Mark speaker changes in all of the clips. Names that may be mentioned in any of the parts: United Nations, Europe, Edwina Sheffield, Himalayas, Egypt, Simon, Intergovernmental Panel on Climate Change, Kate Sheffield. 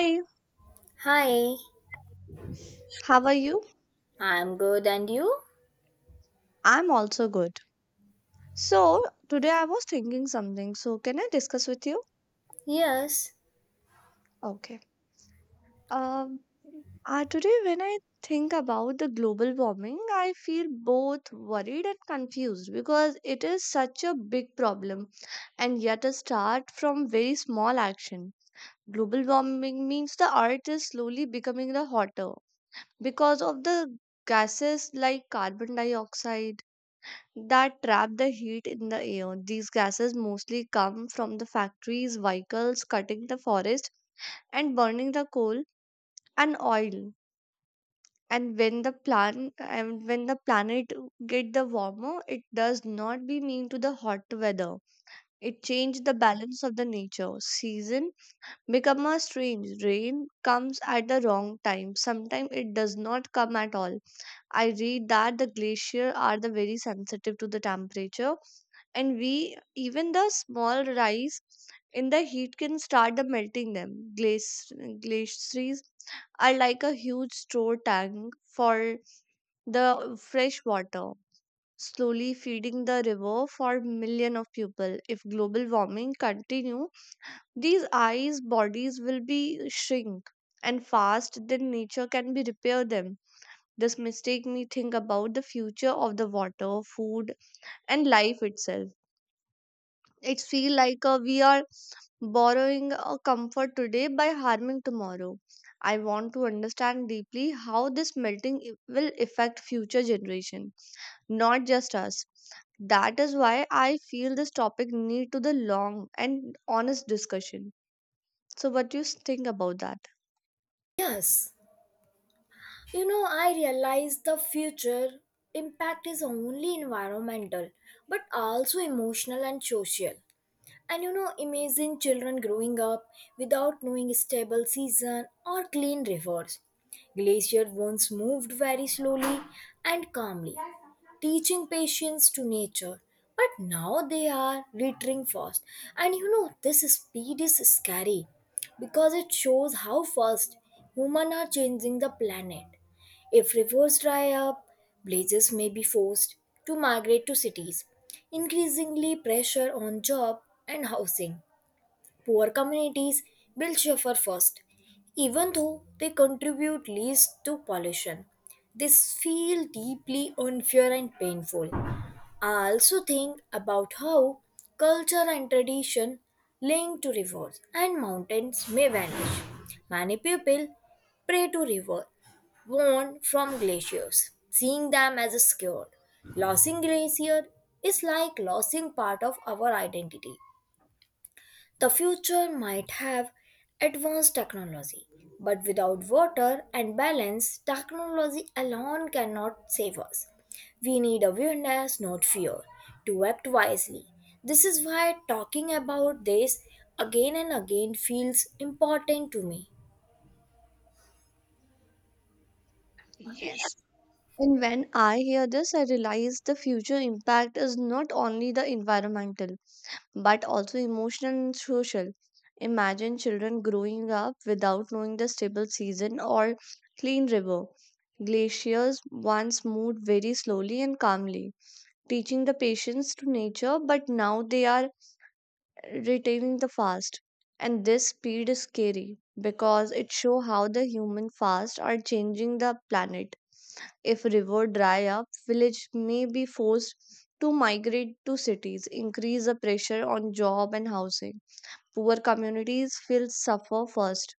Speaker 1: Hey,
Speaker 2: Hi,
Speaker 1: how are you?
Speaker 2: I'm good and you?
Speaker 1: I'm also good. So, today I was thinking something. So, can I discuss with you?
Speaker 2: Yes,
Speaker 1: Okay. Um, today when I think about the global warming, I feel both worried and confused because it is such a big problem and yet a start from very small action. Global warming means the earth is slowly becoming the hotter because of the gases like carbon dioxide that trap the heat in the air. These gases mostly come from the factories, vehicles, cutting the forest and burning the coal and oil. And when the plan and when the planet get the warmer, it does not be mean to the hot weather. It change the balance of the nature. Season become a strange. Rain comes at the wrong time. Sometimes it does not come at all. I read that the glacier are the very sensitive to the temperature and we even the small rise in the heat can start the melting them. Glace- Glaciers are like a huge store tank for the fresh water, slowly feeding the river for millions of people. If global warming continue, these ice bodies will be shrink and fast then nature can be repair them. This mistake me think about the future of the water, food, and life itself. It feel like we are borrowing a comfort today by harming tomorrow. I want to understand deeply how this melting will affect future generation, not just us. That is why I feel this topic need to the long and honest discussion. So what do you think about that?
Speaker 2: yes. You know, I realize the future impact is only environmental, but also emotional and social. And you know, imagine children growing up without knowing stable season or clean rivers. Glacier once moved very slowly and calmly, teaching patience to nature. But now they are retreating fast. And you know, this speed is scary because it shows how fast humans are changing the planet. If rivers dry up, blazes may be forced to migrate to cities, increasingly pressure on job and housing. Poor communities will suffer first, even though they contribute least to pollution. This feels deeply unfair and painful. I also think about how culture and tradition linked to rivers and mountains may vanish. Many people prey to river worn from glaciers, seeing them as a scared. Losing glacier is like losing part of our identity. The future might have advanced technology, but without water and balance, technology alone cannot save us. We need awareness, not fear, to act wisely. This is why talking about this again and again feels important to me.
Speaker 1: Yes. And when I hear this, I realize the future impact is not only the environmental, but also emotional and social. Imagine children growing up without knowing the stable season or clean river. Glaciers once moved very slowly and calmly, teaching the patience to nature, but now they are retaining the fast. And this speed is scary because it shows how the human fast are changing the planet. If river dry up, village may be forced to migrate to cities, increase the pressure on job and housing. Poor communities will suffer first,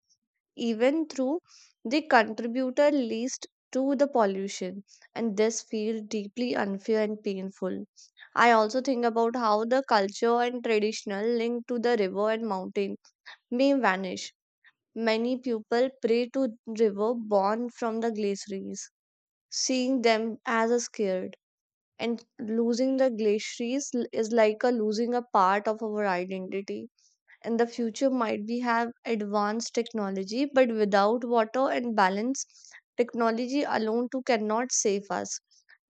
Speaker 1: even through the contributor least to the pollution, and this feels deeply unfair and painful. I also think about how the culture and traditional link to the river and mountain may vanish. Many people pray to river born from the glaciers, seeing them as a scared. And losing the glaciers is like a losing a part of our identity, and the future might be have advanced technology but without water and balance, technology alone too cannot save us.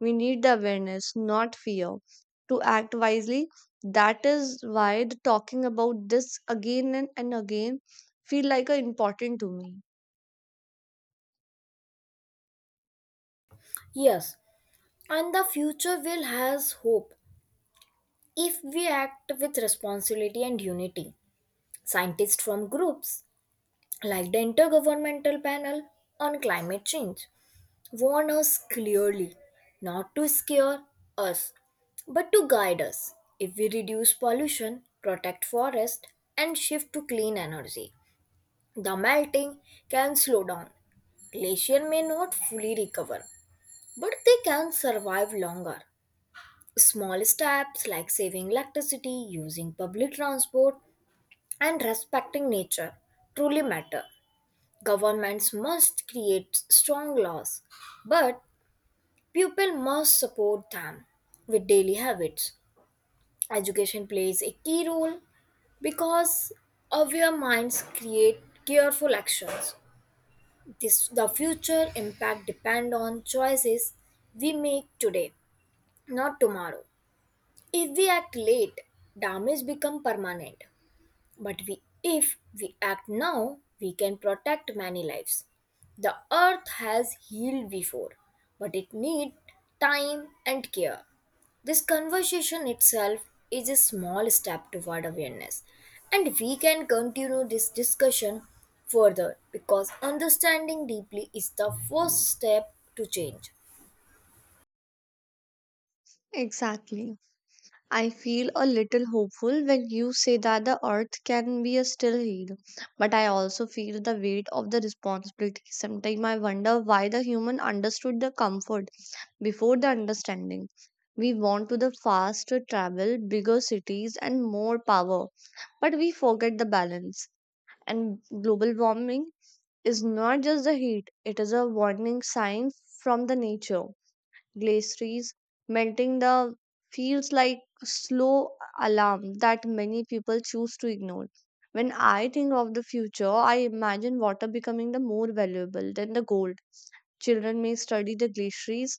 Speaker 1: We need the awareness, not fear, to act wisely. That is why the talking about this again and again feel like a important to me.
Speaker 2: Yes, and the future will has hope if we act with responsibility and unity. Scientists from groups like the Intergovernmental Panel on Climate Change warn us clearly, not to scare us, but to guide us. If we reduce pollution, protect forest, and shift to clean energy, the melting can slow down. Glacier may not fully recover, but they can survive longer. Small steps like saving electricity, using public transport, and respecting nature truly matter. Governments must create strong laws, but Pupil must support them with daily habits. Education plays a key role because aware minds create careful actions. This, the future impact depend on choices we make today, not tomorrow. If we act late, damage become permanent. If we act now, we can protect many lives. The earth has healed before, but it needs time and care. This conversation itself is a small step toward awareness, and we can continue this discussion further because understanding deeply is the first step to change.
Speaker 1: Exactly. I feel a little hopeful when you say that the earth can be a still healed, but I also feel the weight of the responsibility. Sometimes I wonder why the human understood the comfort before the understanding. We want to the faster travel, bigger cities, and more power, but we forget the balance. And global warming is not just the heat; it is a warning sign from the nature. Glaciers melting the feels like slow alarm that many people choose to ignore. When I think of the future, I imagine water becoming the more valuable than the gold. Children may study the glaciers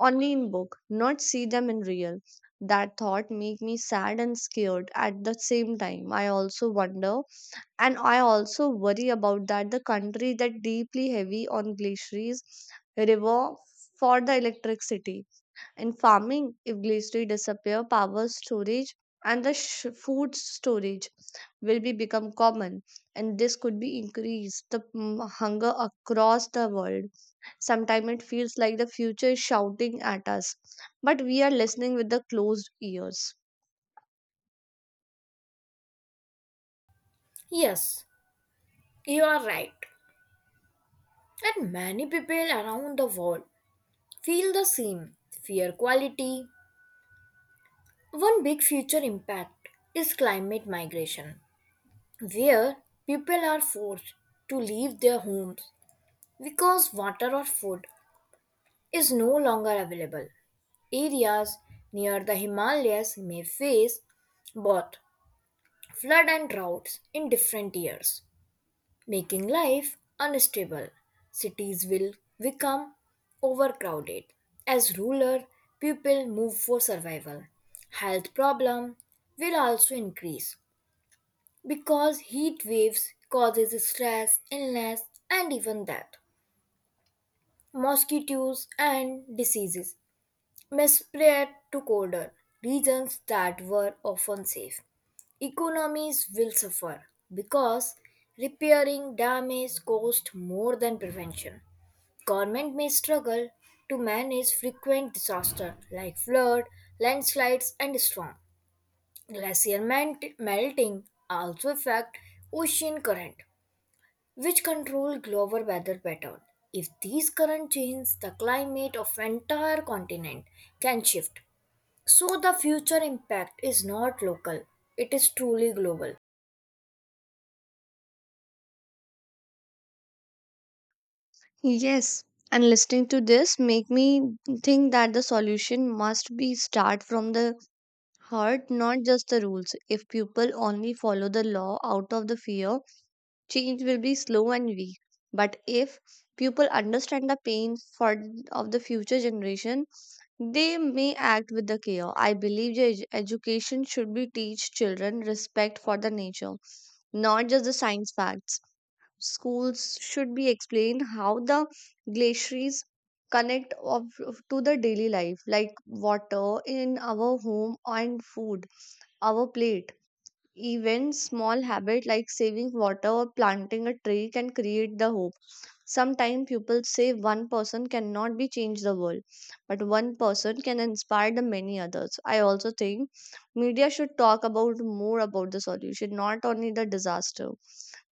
Speaker 1: only in book, not see them in real. That thought make me sad and scared at the same time. I also worry about that the country that deeply heavy on glaciers river for the electricity in farming. If glaciers disappear, power storage and the food storage will be become common, and this could be increase the hunger across the world. Sometimes it feels like the future is shouting at us, but we are listening with the closed ears.
Speaker 2: Yes, you are right. And many people around the world feel the same fear quality. One big future impact is climate migration, where people are forced to leave their homes because water or food is no longer available. Areas near the Himalayas may face both flood and droughts in different years, making life unstable. Cities will become overcrowded as rural people move for survival. Health problems will also increase because heat waves causes stress, illness, and even death. Mosquitoes and diseases may spread to colder regions that were often safe. Economies will suffer because repairing damage costs more than prevention. Government may struggle to manage frequent disaster like flood, landslides, and storm. Glacier melting also affect ocean current which control global weather pattern. If these current change, the climate of entire continent can shift. So the future impact is not local; it is truly global.
Speaker 1: Yes, and listening to this make me think that the solution must be start from the heart, not just the rules. If people only follow the law out of the fear, change will be slow and weak, but if people understand the pain for of the future generation, they may act with the care. I believe the education should be teach children respect for the nature, not just the science facts. Schools should be explain how the glaciers connect of, to the daily life, like water in our home and food, our plate. Even small habit like saving water or planting a tree can create the hope. Sometimes people say one person cannot be change the world, but one person can inspire the many others. I also think media should talk about more about the solution, not only the disaster.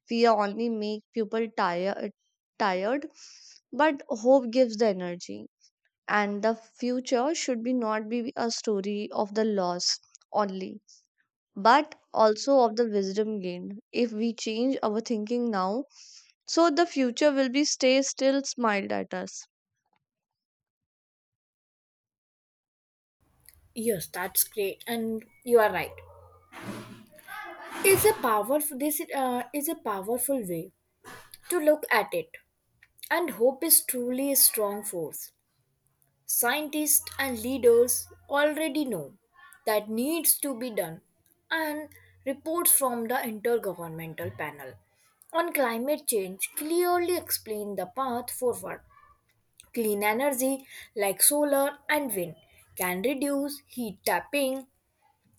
Speaker 1: Fear only make people tired, but hope gives the energy. And the future should be not be a story of the loss only but also of the wisdom gained. If we change our thinking now, so the future will be stay still smiled at us.
Speaker 2: Yes, that's great, and you are right. It's a powerful. This is a powerful way to look at it, and hope is truly a strong force. Scientists and leaders already know that needs to be done and reports from the intergovernmental panel on climate change clearly explain the path forward. Clean energy like solar and wind can reduce heat tapping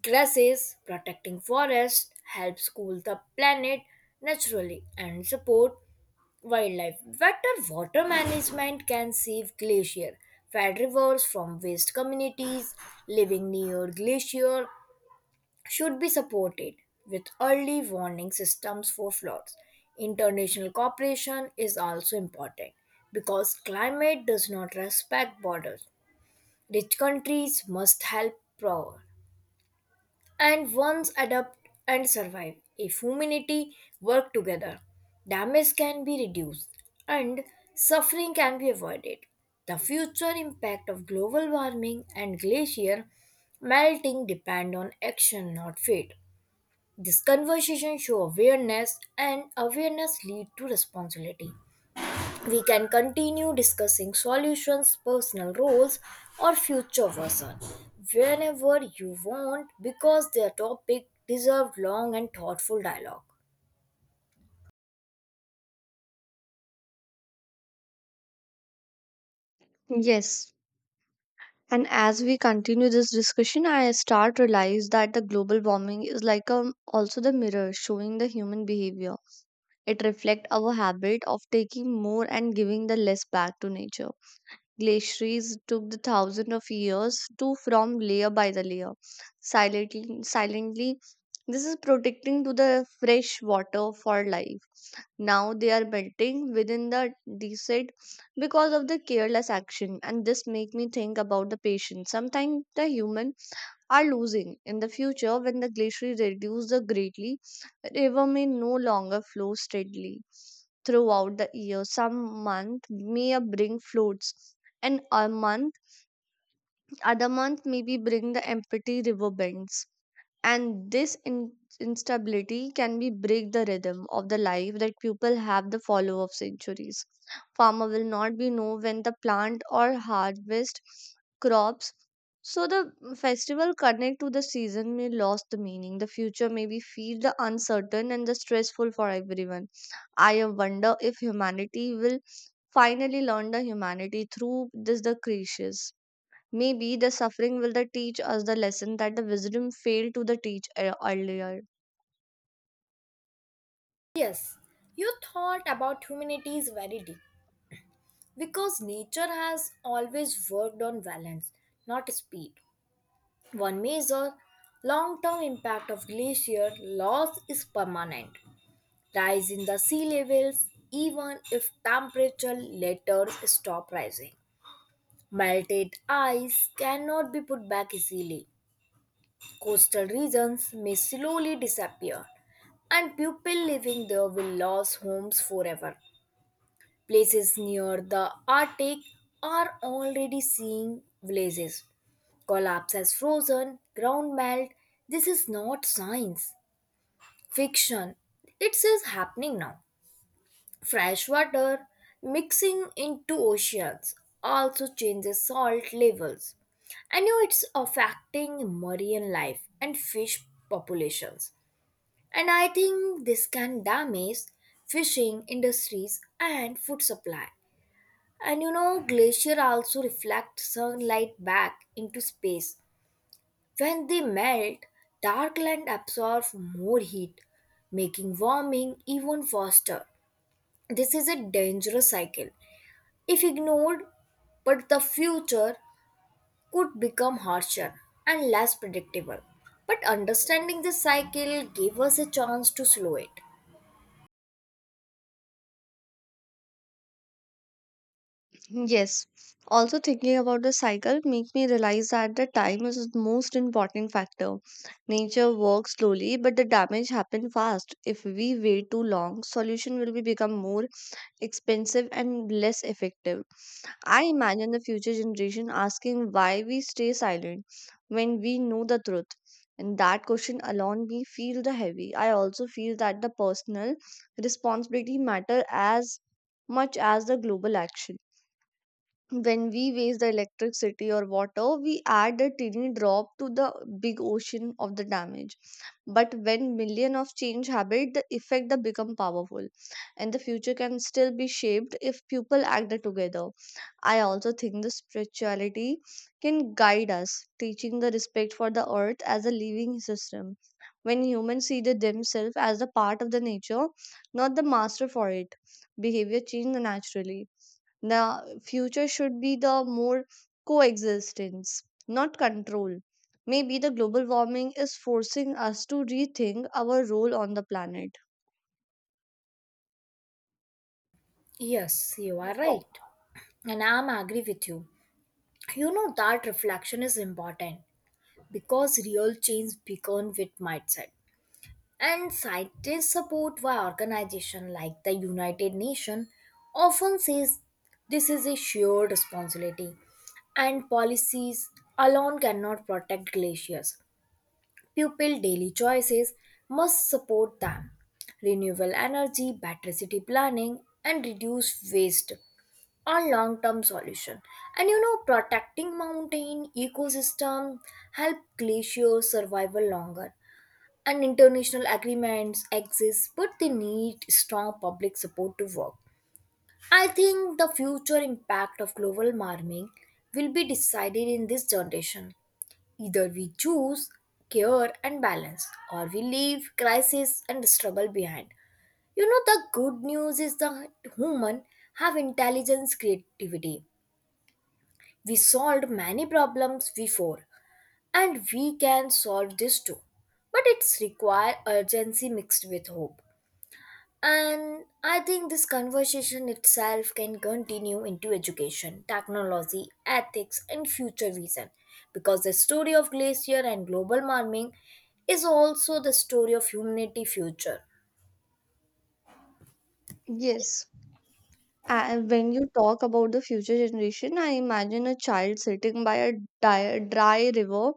Speaker 2: grasses. Protecting forests helps cool the planet naturally and support wildlife. Better water management can save glacier fed rivers from waste. Communities living near glacier should be supported with early warning systems for floods. International cooperation is also important because climate does not respect borders. Rich countries must help poor and once adapt and survive. If humanity work together, damage can be reduced and suffering can be avoided. The future impact of global warming and glacier melting depend on action, not fate. This conversation show awareness and awareness lead to responsibility. We can continue discussing solutions, personal roles, or future version whenever you want because their topic deserved long and thoughtful dialogue.
Speaker 1: Yes, and as we continue this discussion, I start realize that the global warming is like a also the mirror showing the human behavior. It reflect our habit of taking more and giving the less back to nature. Glaciers took the thousand of years to form layer by the layer. Silently, this is protecting to the fresh water for life. Now they are melting within the descent because of the careless action, and this make me think about the patience. Sometimes the human are losing. In the future, when the glaciers reduce the greatly, river may no longer flow steadily throughout the year. Some month may a bring floods, and a month, other month maybe bring the empty river bends, and this instability can be break the rhythm of the life that people have the follow of centuries. Farmer will not be know when the plant or harvest crops, so the festival connect to the season may lose the meaning. The future may be feel the uncertain and the stressful for everyone. I wonder if humanity will finally learn the humanity through this the creations. Maybe the suffering will the teach us the lesson that the wisdom failed to the teach earlier.
Speaker 2: Yes, you thought about humanity is very deep because nature has always worked on balance, not speed. One major long-term impact of glacier loss is permanent. Rise in the sea levels even if temperature later stop rising. Melted ice cannot be put back easily. Coastal regions may slowly disappear, and people living there will lose homes forever. Places near the Arctic are already seeing villages. Collapse as frozen, ground melt. This is not science, fiction. It's just happening now. Fresh water mixing into oceans also changes salt levels. I know it's affecting marine life and fish populations. And I think this can damage fishing industries and food supply. And you know, glacier also reflect sunlight back into space. When they melt, dark land absorbs more heat, making warming even faster. This is a dangerous cycle if ignored, but the future could become harsher and less predictable. But understanding the cycle gave us a chance to slow it.
Speaker 1: Yes. Also thinking about the cycle make me realize that the time is the most important factor. Nature works slowly, but the damage happen fast. If we wait too long, solution will be become more expensive and less effective. I imagine the future generation asking why we stay silent when we know the truth. And that question alone we feel the heavy. I also feel that the personal responsibility matter as much as the global action. When we waste the electricity or water, we add a tiny drop to the big ocean of the damage. But when million of change habit, the effect that become powerful, and the future can still be shaped if people act together. I also think the spirituality can guide us, teaching the respect for the earth as a living system. When humans see the themselves as a part of the nature, not the master for it, behavior change naturally. The future should be the more coexistence, not control. Maybe the global warming is forcing us to rethink our role on the planet.
Speaker 2: Yes, you are right. And I'm agree with you. You know that reflection is important because real change begins with mindset. And scientists support why organization, like the United Nations often says this is a shared responsibility and policies alone cannot protect glaciers. People daily choices must support them. Renewable energy, better city planning and reduce waste are long-term solution. And you know protecting mountain ecosystem help glaciers survival longer and international agreements exist, but they need strong public support to work. I think the future impact of global warming will be decided in this generation. Either we choose care and balance, or we leave crisis and struggle behind. You know, the good news is the human have intelligence, creativity. We solved many problems before, and we can solve this too. But it's require urgency mixed with hope. And I think this conversation itself can continue into education, technology, ethics, and future vision because the story of glacier and global warming is also the story of humanity future.
Speaker 1: Yes. And when you talk about the future generation, I imagine a child sitting by a dry river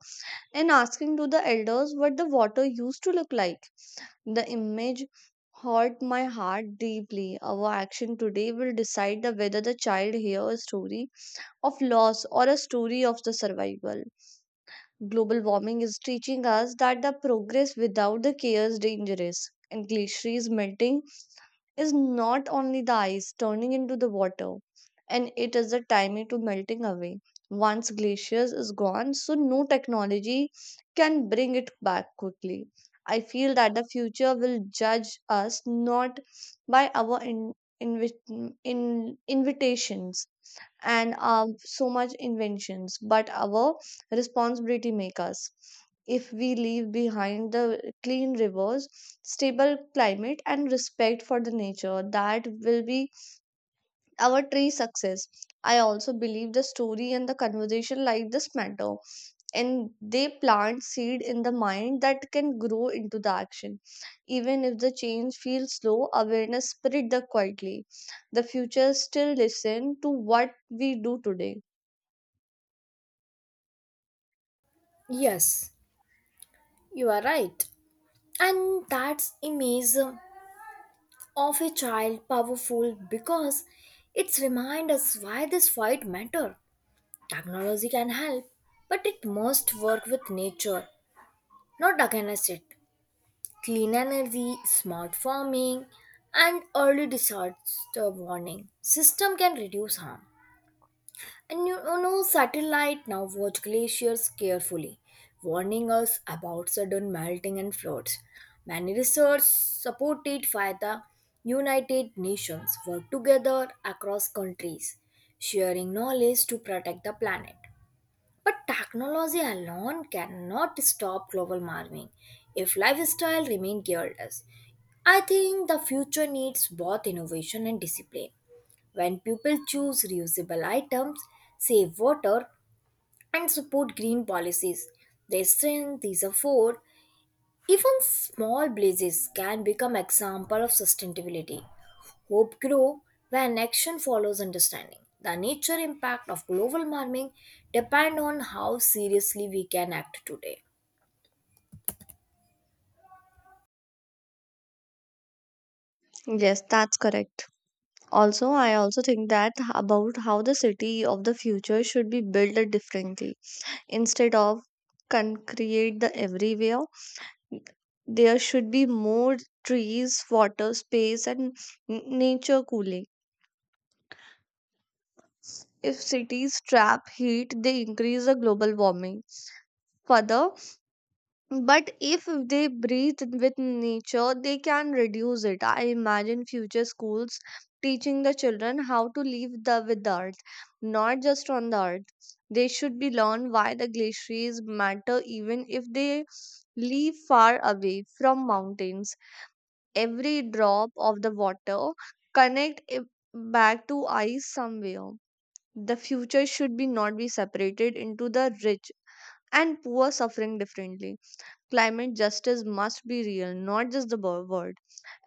Speaker 1: and asking to the elders what the water used to look like. The image hurt my heart deeply. Our action today will decide the whether the child hears a story of loss or a story of the survival. Global warming is teaching us that the progress without the care is dangerous, and glaciers melting is not only the ice turning into the water, and it is the timing to melting away. Once glaciers is gone, so no technology can bring it back quickly. I feel that the future will judge us not by our invitations and so much inventions but our responsibility make us. If we leave behind the clean rivers, stable climate and respect for the nature, that will be our tree success. I also believe the story and the conversation like this matter, and they plant seed in the mind that can grow into the action. Even if the change feels slow, awareness spread the quietly. The future still listen to what we do today.
Speaker 2: Yes, you are right. And that's image of a child powerful because it's remind us why this fight matter. Technology can help, but it must work with nature, not against it. Clean energy, smart farming, and early disaster warning system can reduce harm. And you know, satellite now watch glaciers carefully, warning us about sudden melting and floods. Many research supported by the United Nations work together across countries, sharing knowledge to protect the planet. But technology alone cannot stop global warming if lifestyle remain careless. I think the future needs both innovation and discipline. When people choose reusable items, save water, and support green policies, they strengthen these efforts. Even small blazes can become example of sustainability. Hope grows when action follows understanding. The nature impact of global warming depend on how seriously we can act today.
Speaker 1: Yes, that's correct. Also I also think that about how the city of the future should be built differently. Instead of concrete the everywhere, there should be more trees, water space, and nature cooling. If cities trap heat, they increase the global warming further. But if they breathe with nature, they can reduce it. I imagine future schools teaching the children how to live the, with the earth, not just on the earth. They should be learned why the glaciers matter even if they live far away from mountains. Every drop of the water connect it back to ice somewhere. The future should be not be separated into the rich and poor suffering differently. Climate justice must be real, not just the word.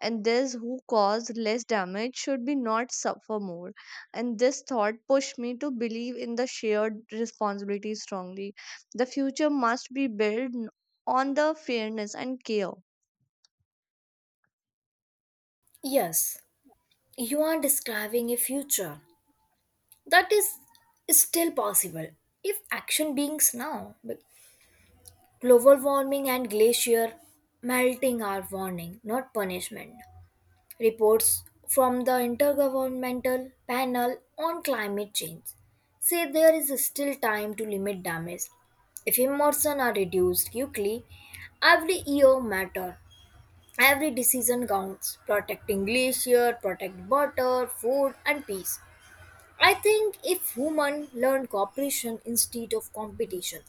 Speaker 1: And those who cause less damage should be not suffer more. And this thought pushed me to believe in the shared responsibility strongly. The future must be built on the fairness and care.
Speaker 2: Yes, you are describing a future that is still possible if action begins now. Global warming and glacier melting are warning, not punishment. Reports from the Intergovernmental Panel on Climate Change say there is still time to limit damage. If emissions are reduced quickly, every year matter. Every decision counts. Protecting glacier, protect water, food, and peace. I think if humans learn cooperation instead of competition,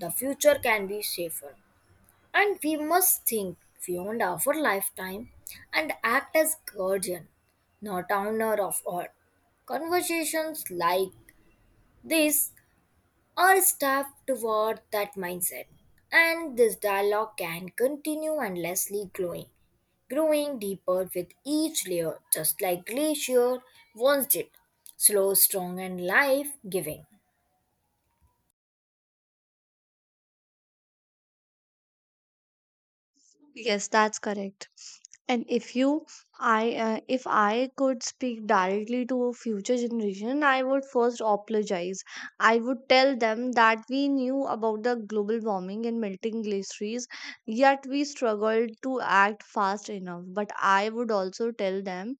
Speaker 2: the future can be safer. And we must think beyond our lifetime and act as guardian, not owner of earth. Conversations like this are staff toward that mindset, and this dialogue can continue endlessly growing, growing deeper with each layer, just like glacier once did, slow, strong, and life-giving.
Speaker 1: Yes, that's correct. And if you I If I could speak directly to a future generation, I would first apologize. I would tell them that we knew about the global warming and melting glaciers, yet we struggled to act fast enough. But I would also tell them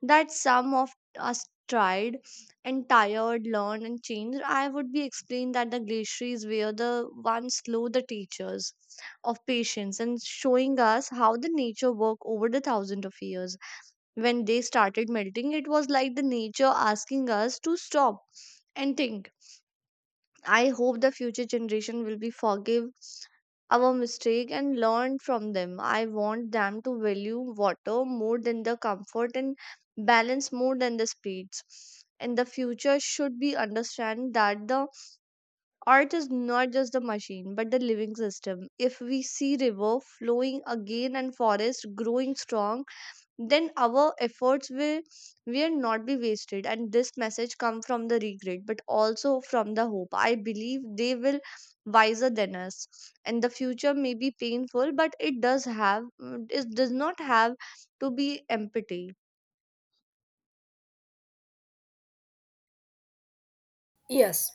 Speaker 1: that some of us tried and tired, learned, and changed. I would be explained that the glaciers were the ones slow, the teachers of patience, and showing us how the nature worked over the thousand of years. When they started melting, it was like the nature asking us to stop and think. I hope the future generation will be forgive our mistake and learn from them. I want them to value water more than the comfort, and balance more than the speeds. And the future should be understand that the earth is not just the machine but the living system. If we see river flowing again and forest growing strong, then our efforts will not be wasted. And this message come from the regret but also from the hope. I believe they will wiser than us. And the future may be painful, but it does not have to be empty.
Speaker 2: Yes,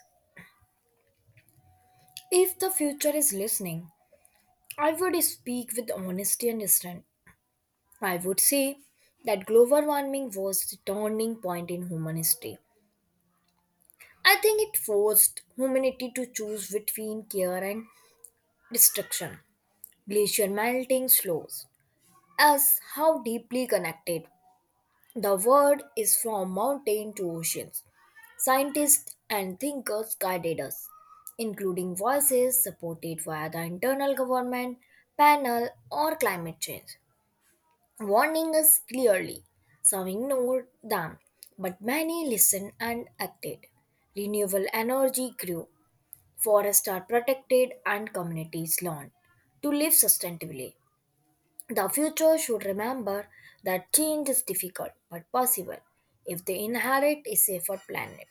Speaker 2: if the future is listening, I would speak with honesty and restraint. I would say that global warming was the turning point in human history. I think it forced humanity to choose between care and destruction. Glacier melting slows us how deeply connected the world is from mountain to oceans. Scientists and thinkers guided us, including voices supported via the internal government, panel, or climate change. Warning us clearly. Some ignored them, but many listened and acted. Renewable energy grew, forests are protected, and communities learned to live sustainably. The future should remember that change is difficult but possible if they inherit a safer planet.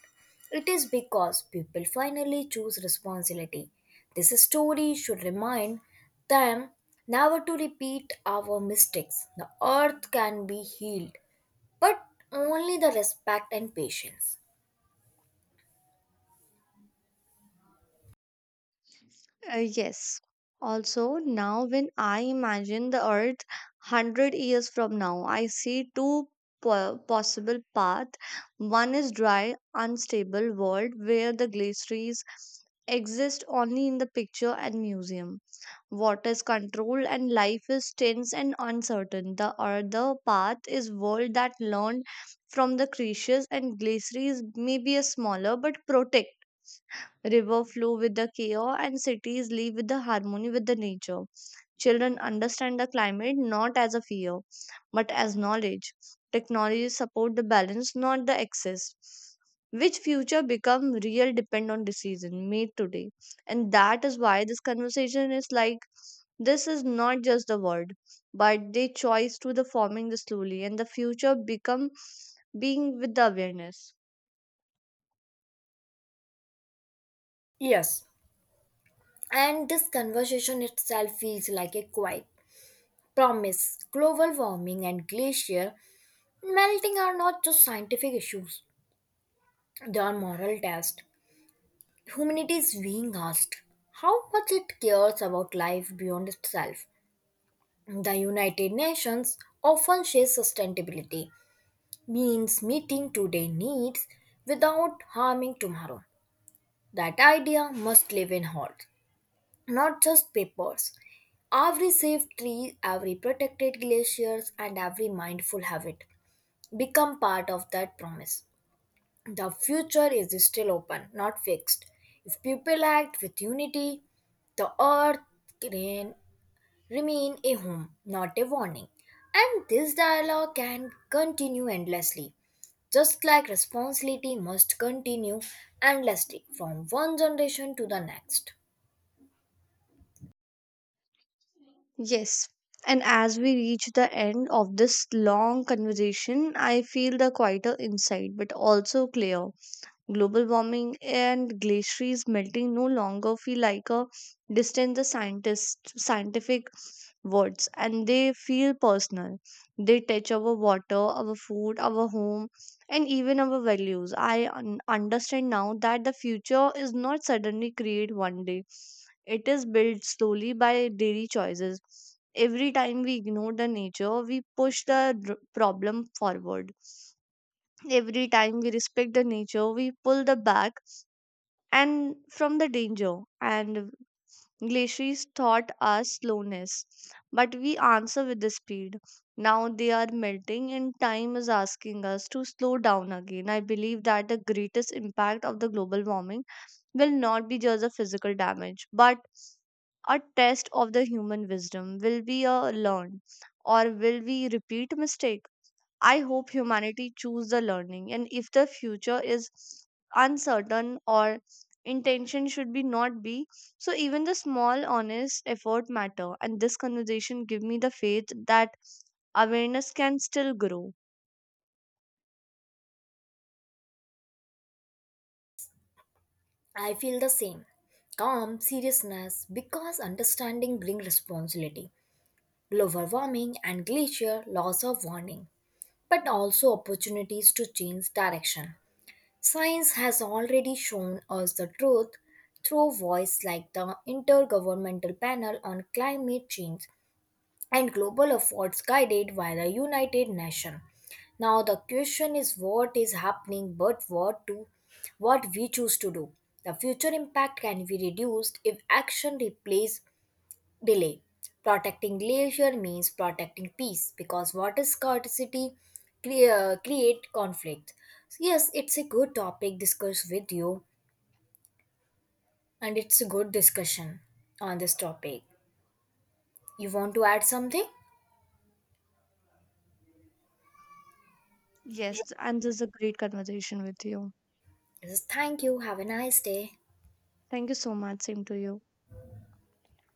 Speaker 2: It is because people finally choose responsibility. This story should remind them never to repeat our mistakes. The earth can be healed, but only the respect and patience.
Speaker 1: Yes. Also, now when I imagine the earth 100 years from now, I see two possible path. One is dry, unstable world where the glaciers exist only in the picture and museum. Water is controlled and life is tense and uncertain. The other path is world that learned from the creatures, and glaciers may be a smaller but protect. River flow with the chaos and cities live with the harmony with the nature. Children understand the climate not as a fear, but as knowledge. Technologies support the balance, not the excess. Which future become real depend on decision made today. And that is why this conversation is like this is not just the word, but they choice to the forming the slowly and the future become being with the awareness.
Speaker 2: Yes, and this conversation itself feels like a quiet promise. Global warming and glacier melting are not just scientific issues, they are moral tests. Humanity is being asked how much it cares about life beyond itself. The United Nations often shares sustainability, means meeting today's needs without harming tomorrow. That idea must live in hearts, not just papers. Every saved tree, every protected glaciers, and every mindful habit become part of that promise. The future is still open, not fixed. If people act with unity, the earth can remain a home, not a warning. And this dialogue can continue endlessly. Just like responsibility must continue endlessly from one generation to the next.
Speaker 1: Yes. And as we reach the end of this long conversation, I feel the quieter inside, but also clear. Global warming and glaciers melting no longer feel like a distant the scientist scientific words, and they feel personal. They touch our water, our food, our home, and even our values. I understand now that the future is not suddenly created one day. It is built slowly by daily choices. Every time we ignore the nature, we push the problem forward. Every time we respect the nature, we pull the back and from the danger. And glaciers taught us slowness, but we answer with the speed. Now they are melting and time is asking us to slow down again. I believe that the greatest impact of the global warming will not be just a physical damage but a test of the human wisdom. Will we learn, or will we repeat mistake? I hope humanity choose the learning. And if the future is uncertain or intention should be not be so, even the small honest effort matter. And this conversation give me the faith that awareness can still grow.
Speaker 2: I feel the same. Calm seriousness because understanding brings responsibility. Global warming and glacier loss of warning, but also opportunities to change direction. Science has already shown us the truth through voice like the Intergovernmental Panel on Climate Change and global efforts guided by the United Nations. Now the question is what is happening but what we choose to do. The future impact can be reduced if action replaces delay. Protecting glacier means protecting peace because water scarcity create conflict. So yes, it's a good topic discussed with you, and it's a good discussion on this topic. You want to add something?
Speaker 1: Yes, and this is a great conversation with you.
Speaker 2: Yes, thank you. Have a nice day.
Speaker 1: Thank you so much, same to you.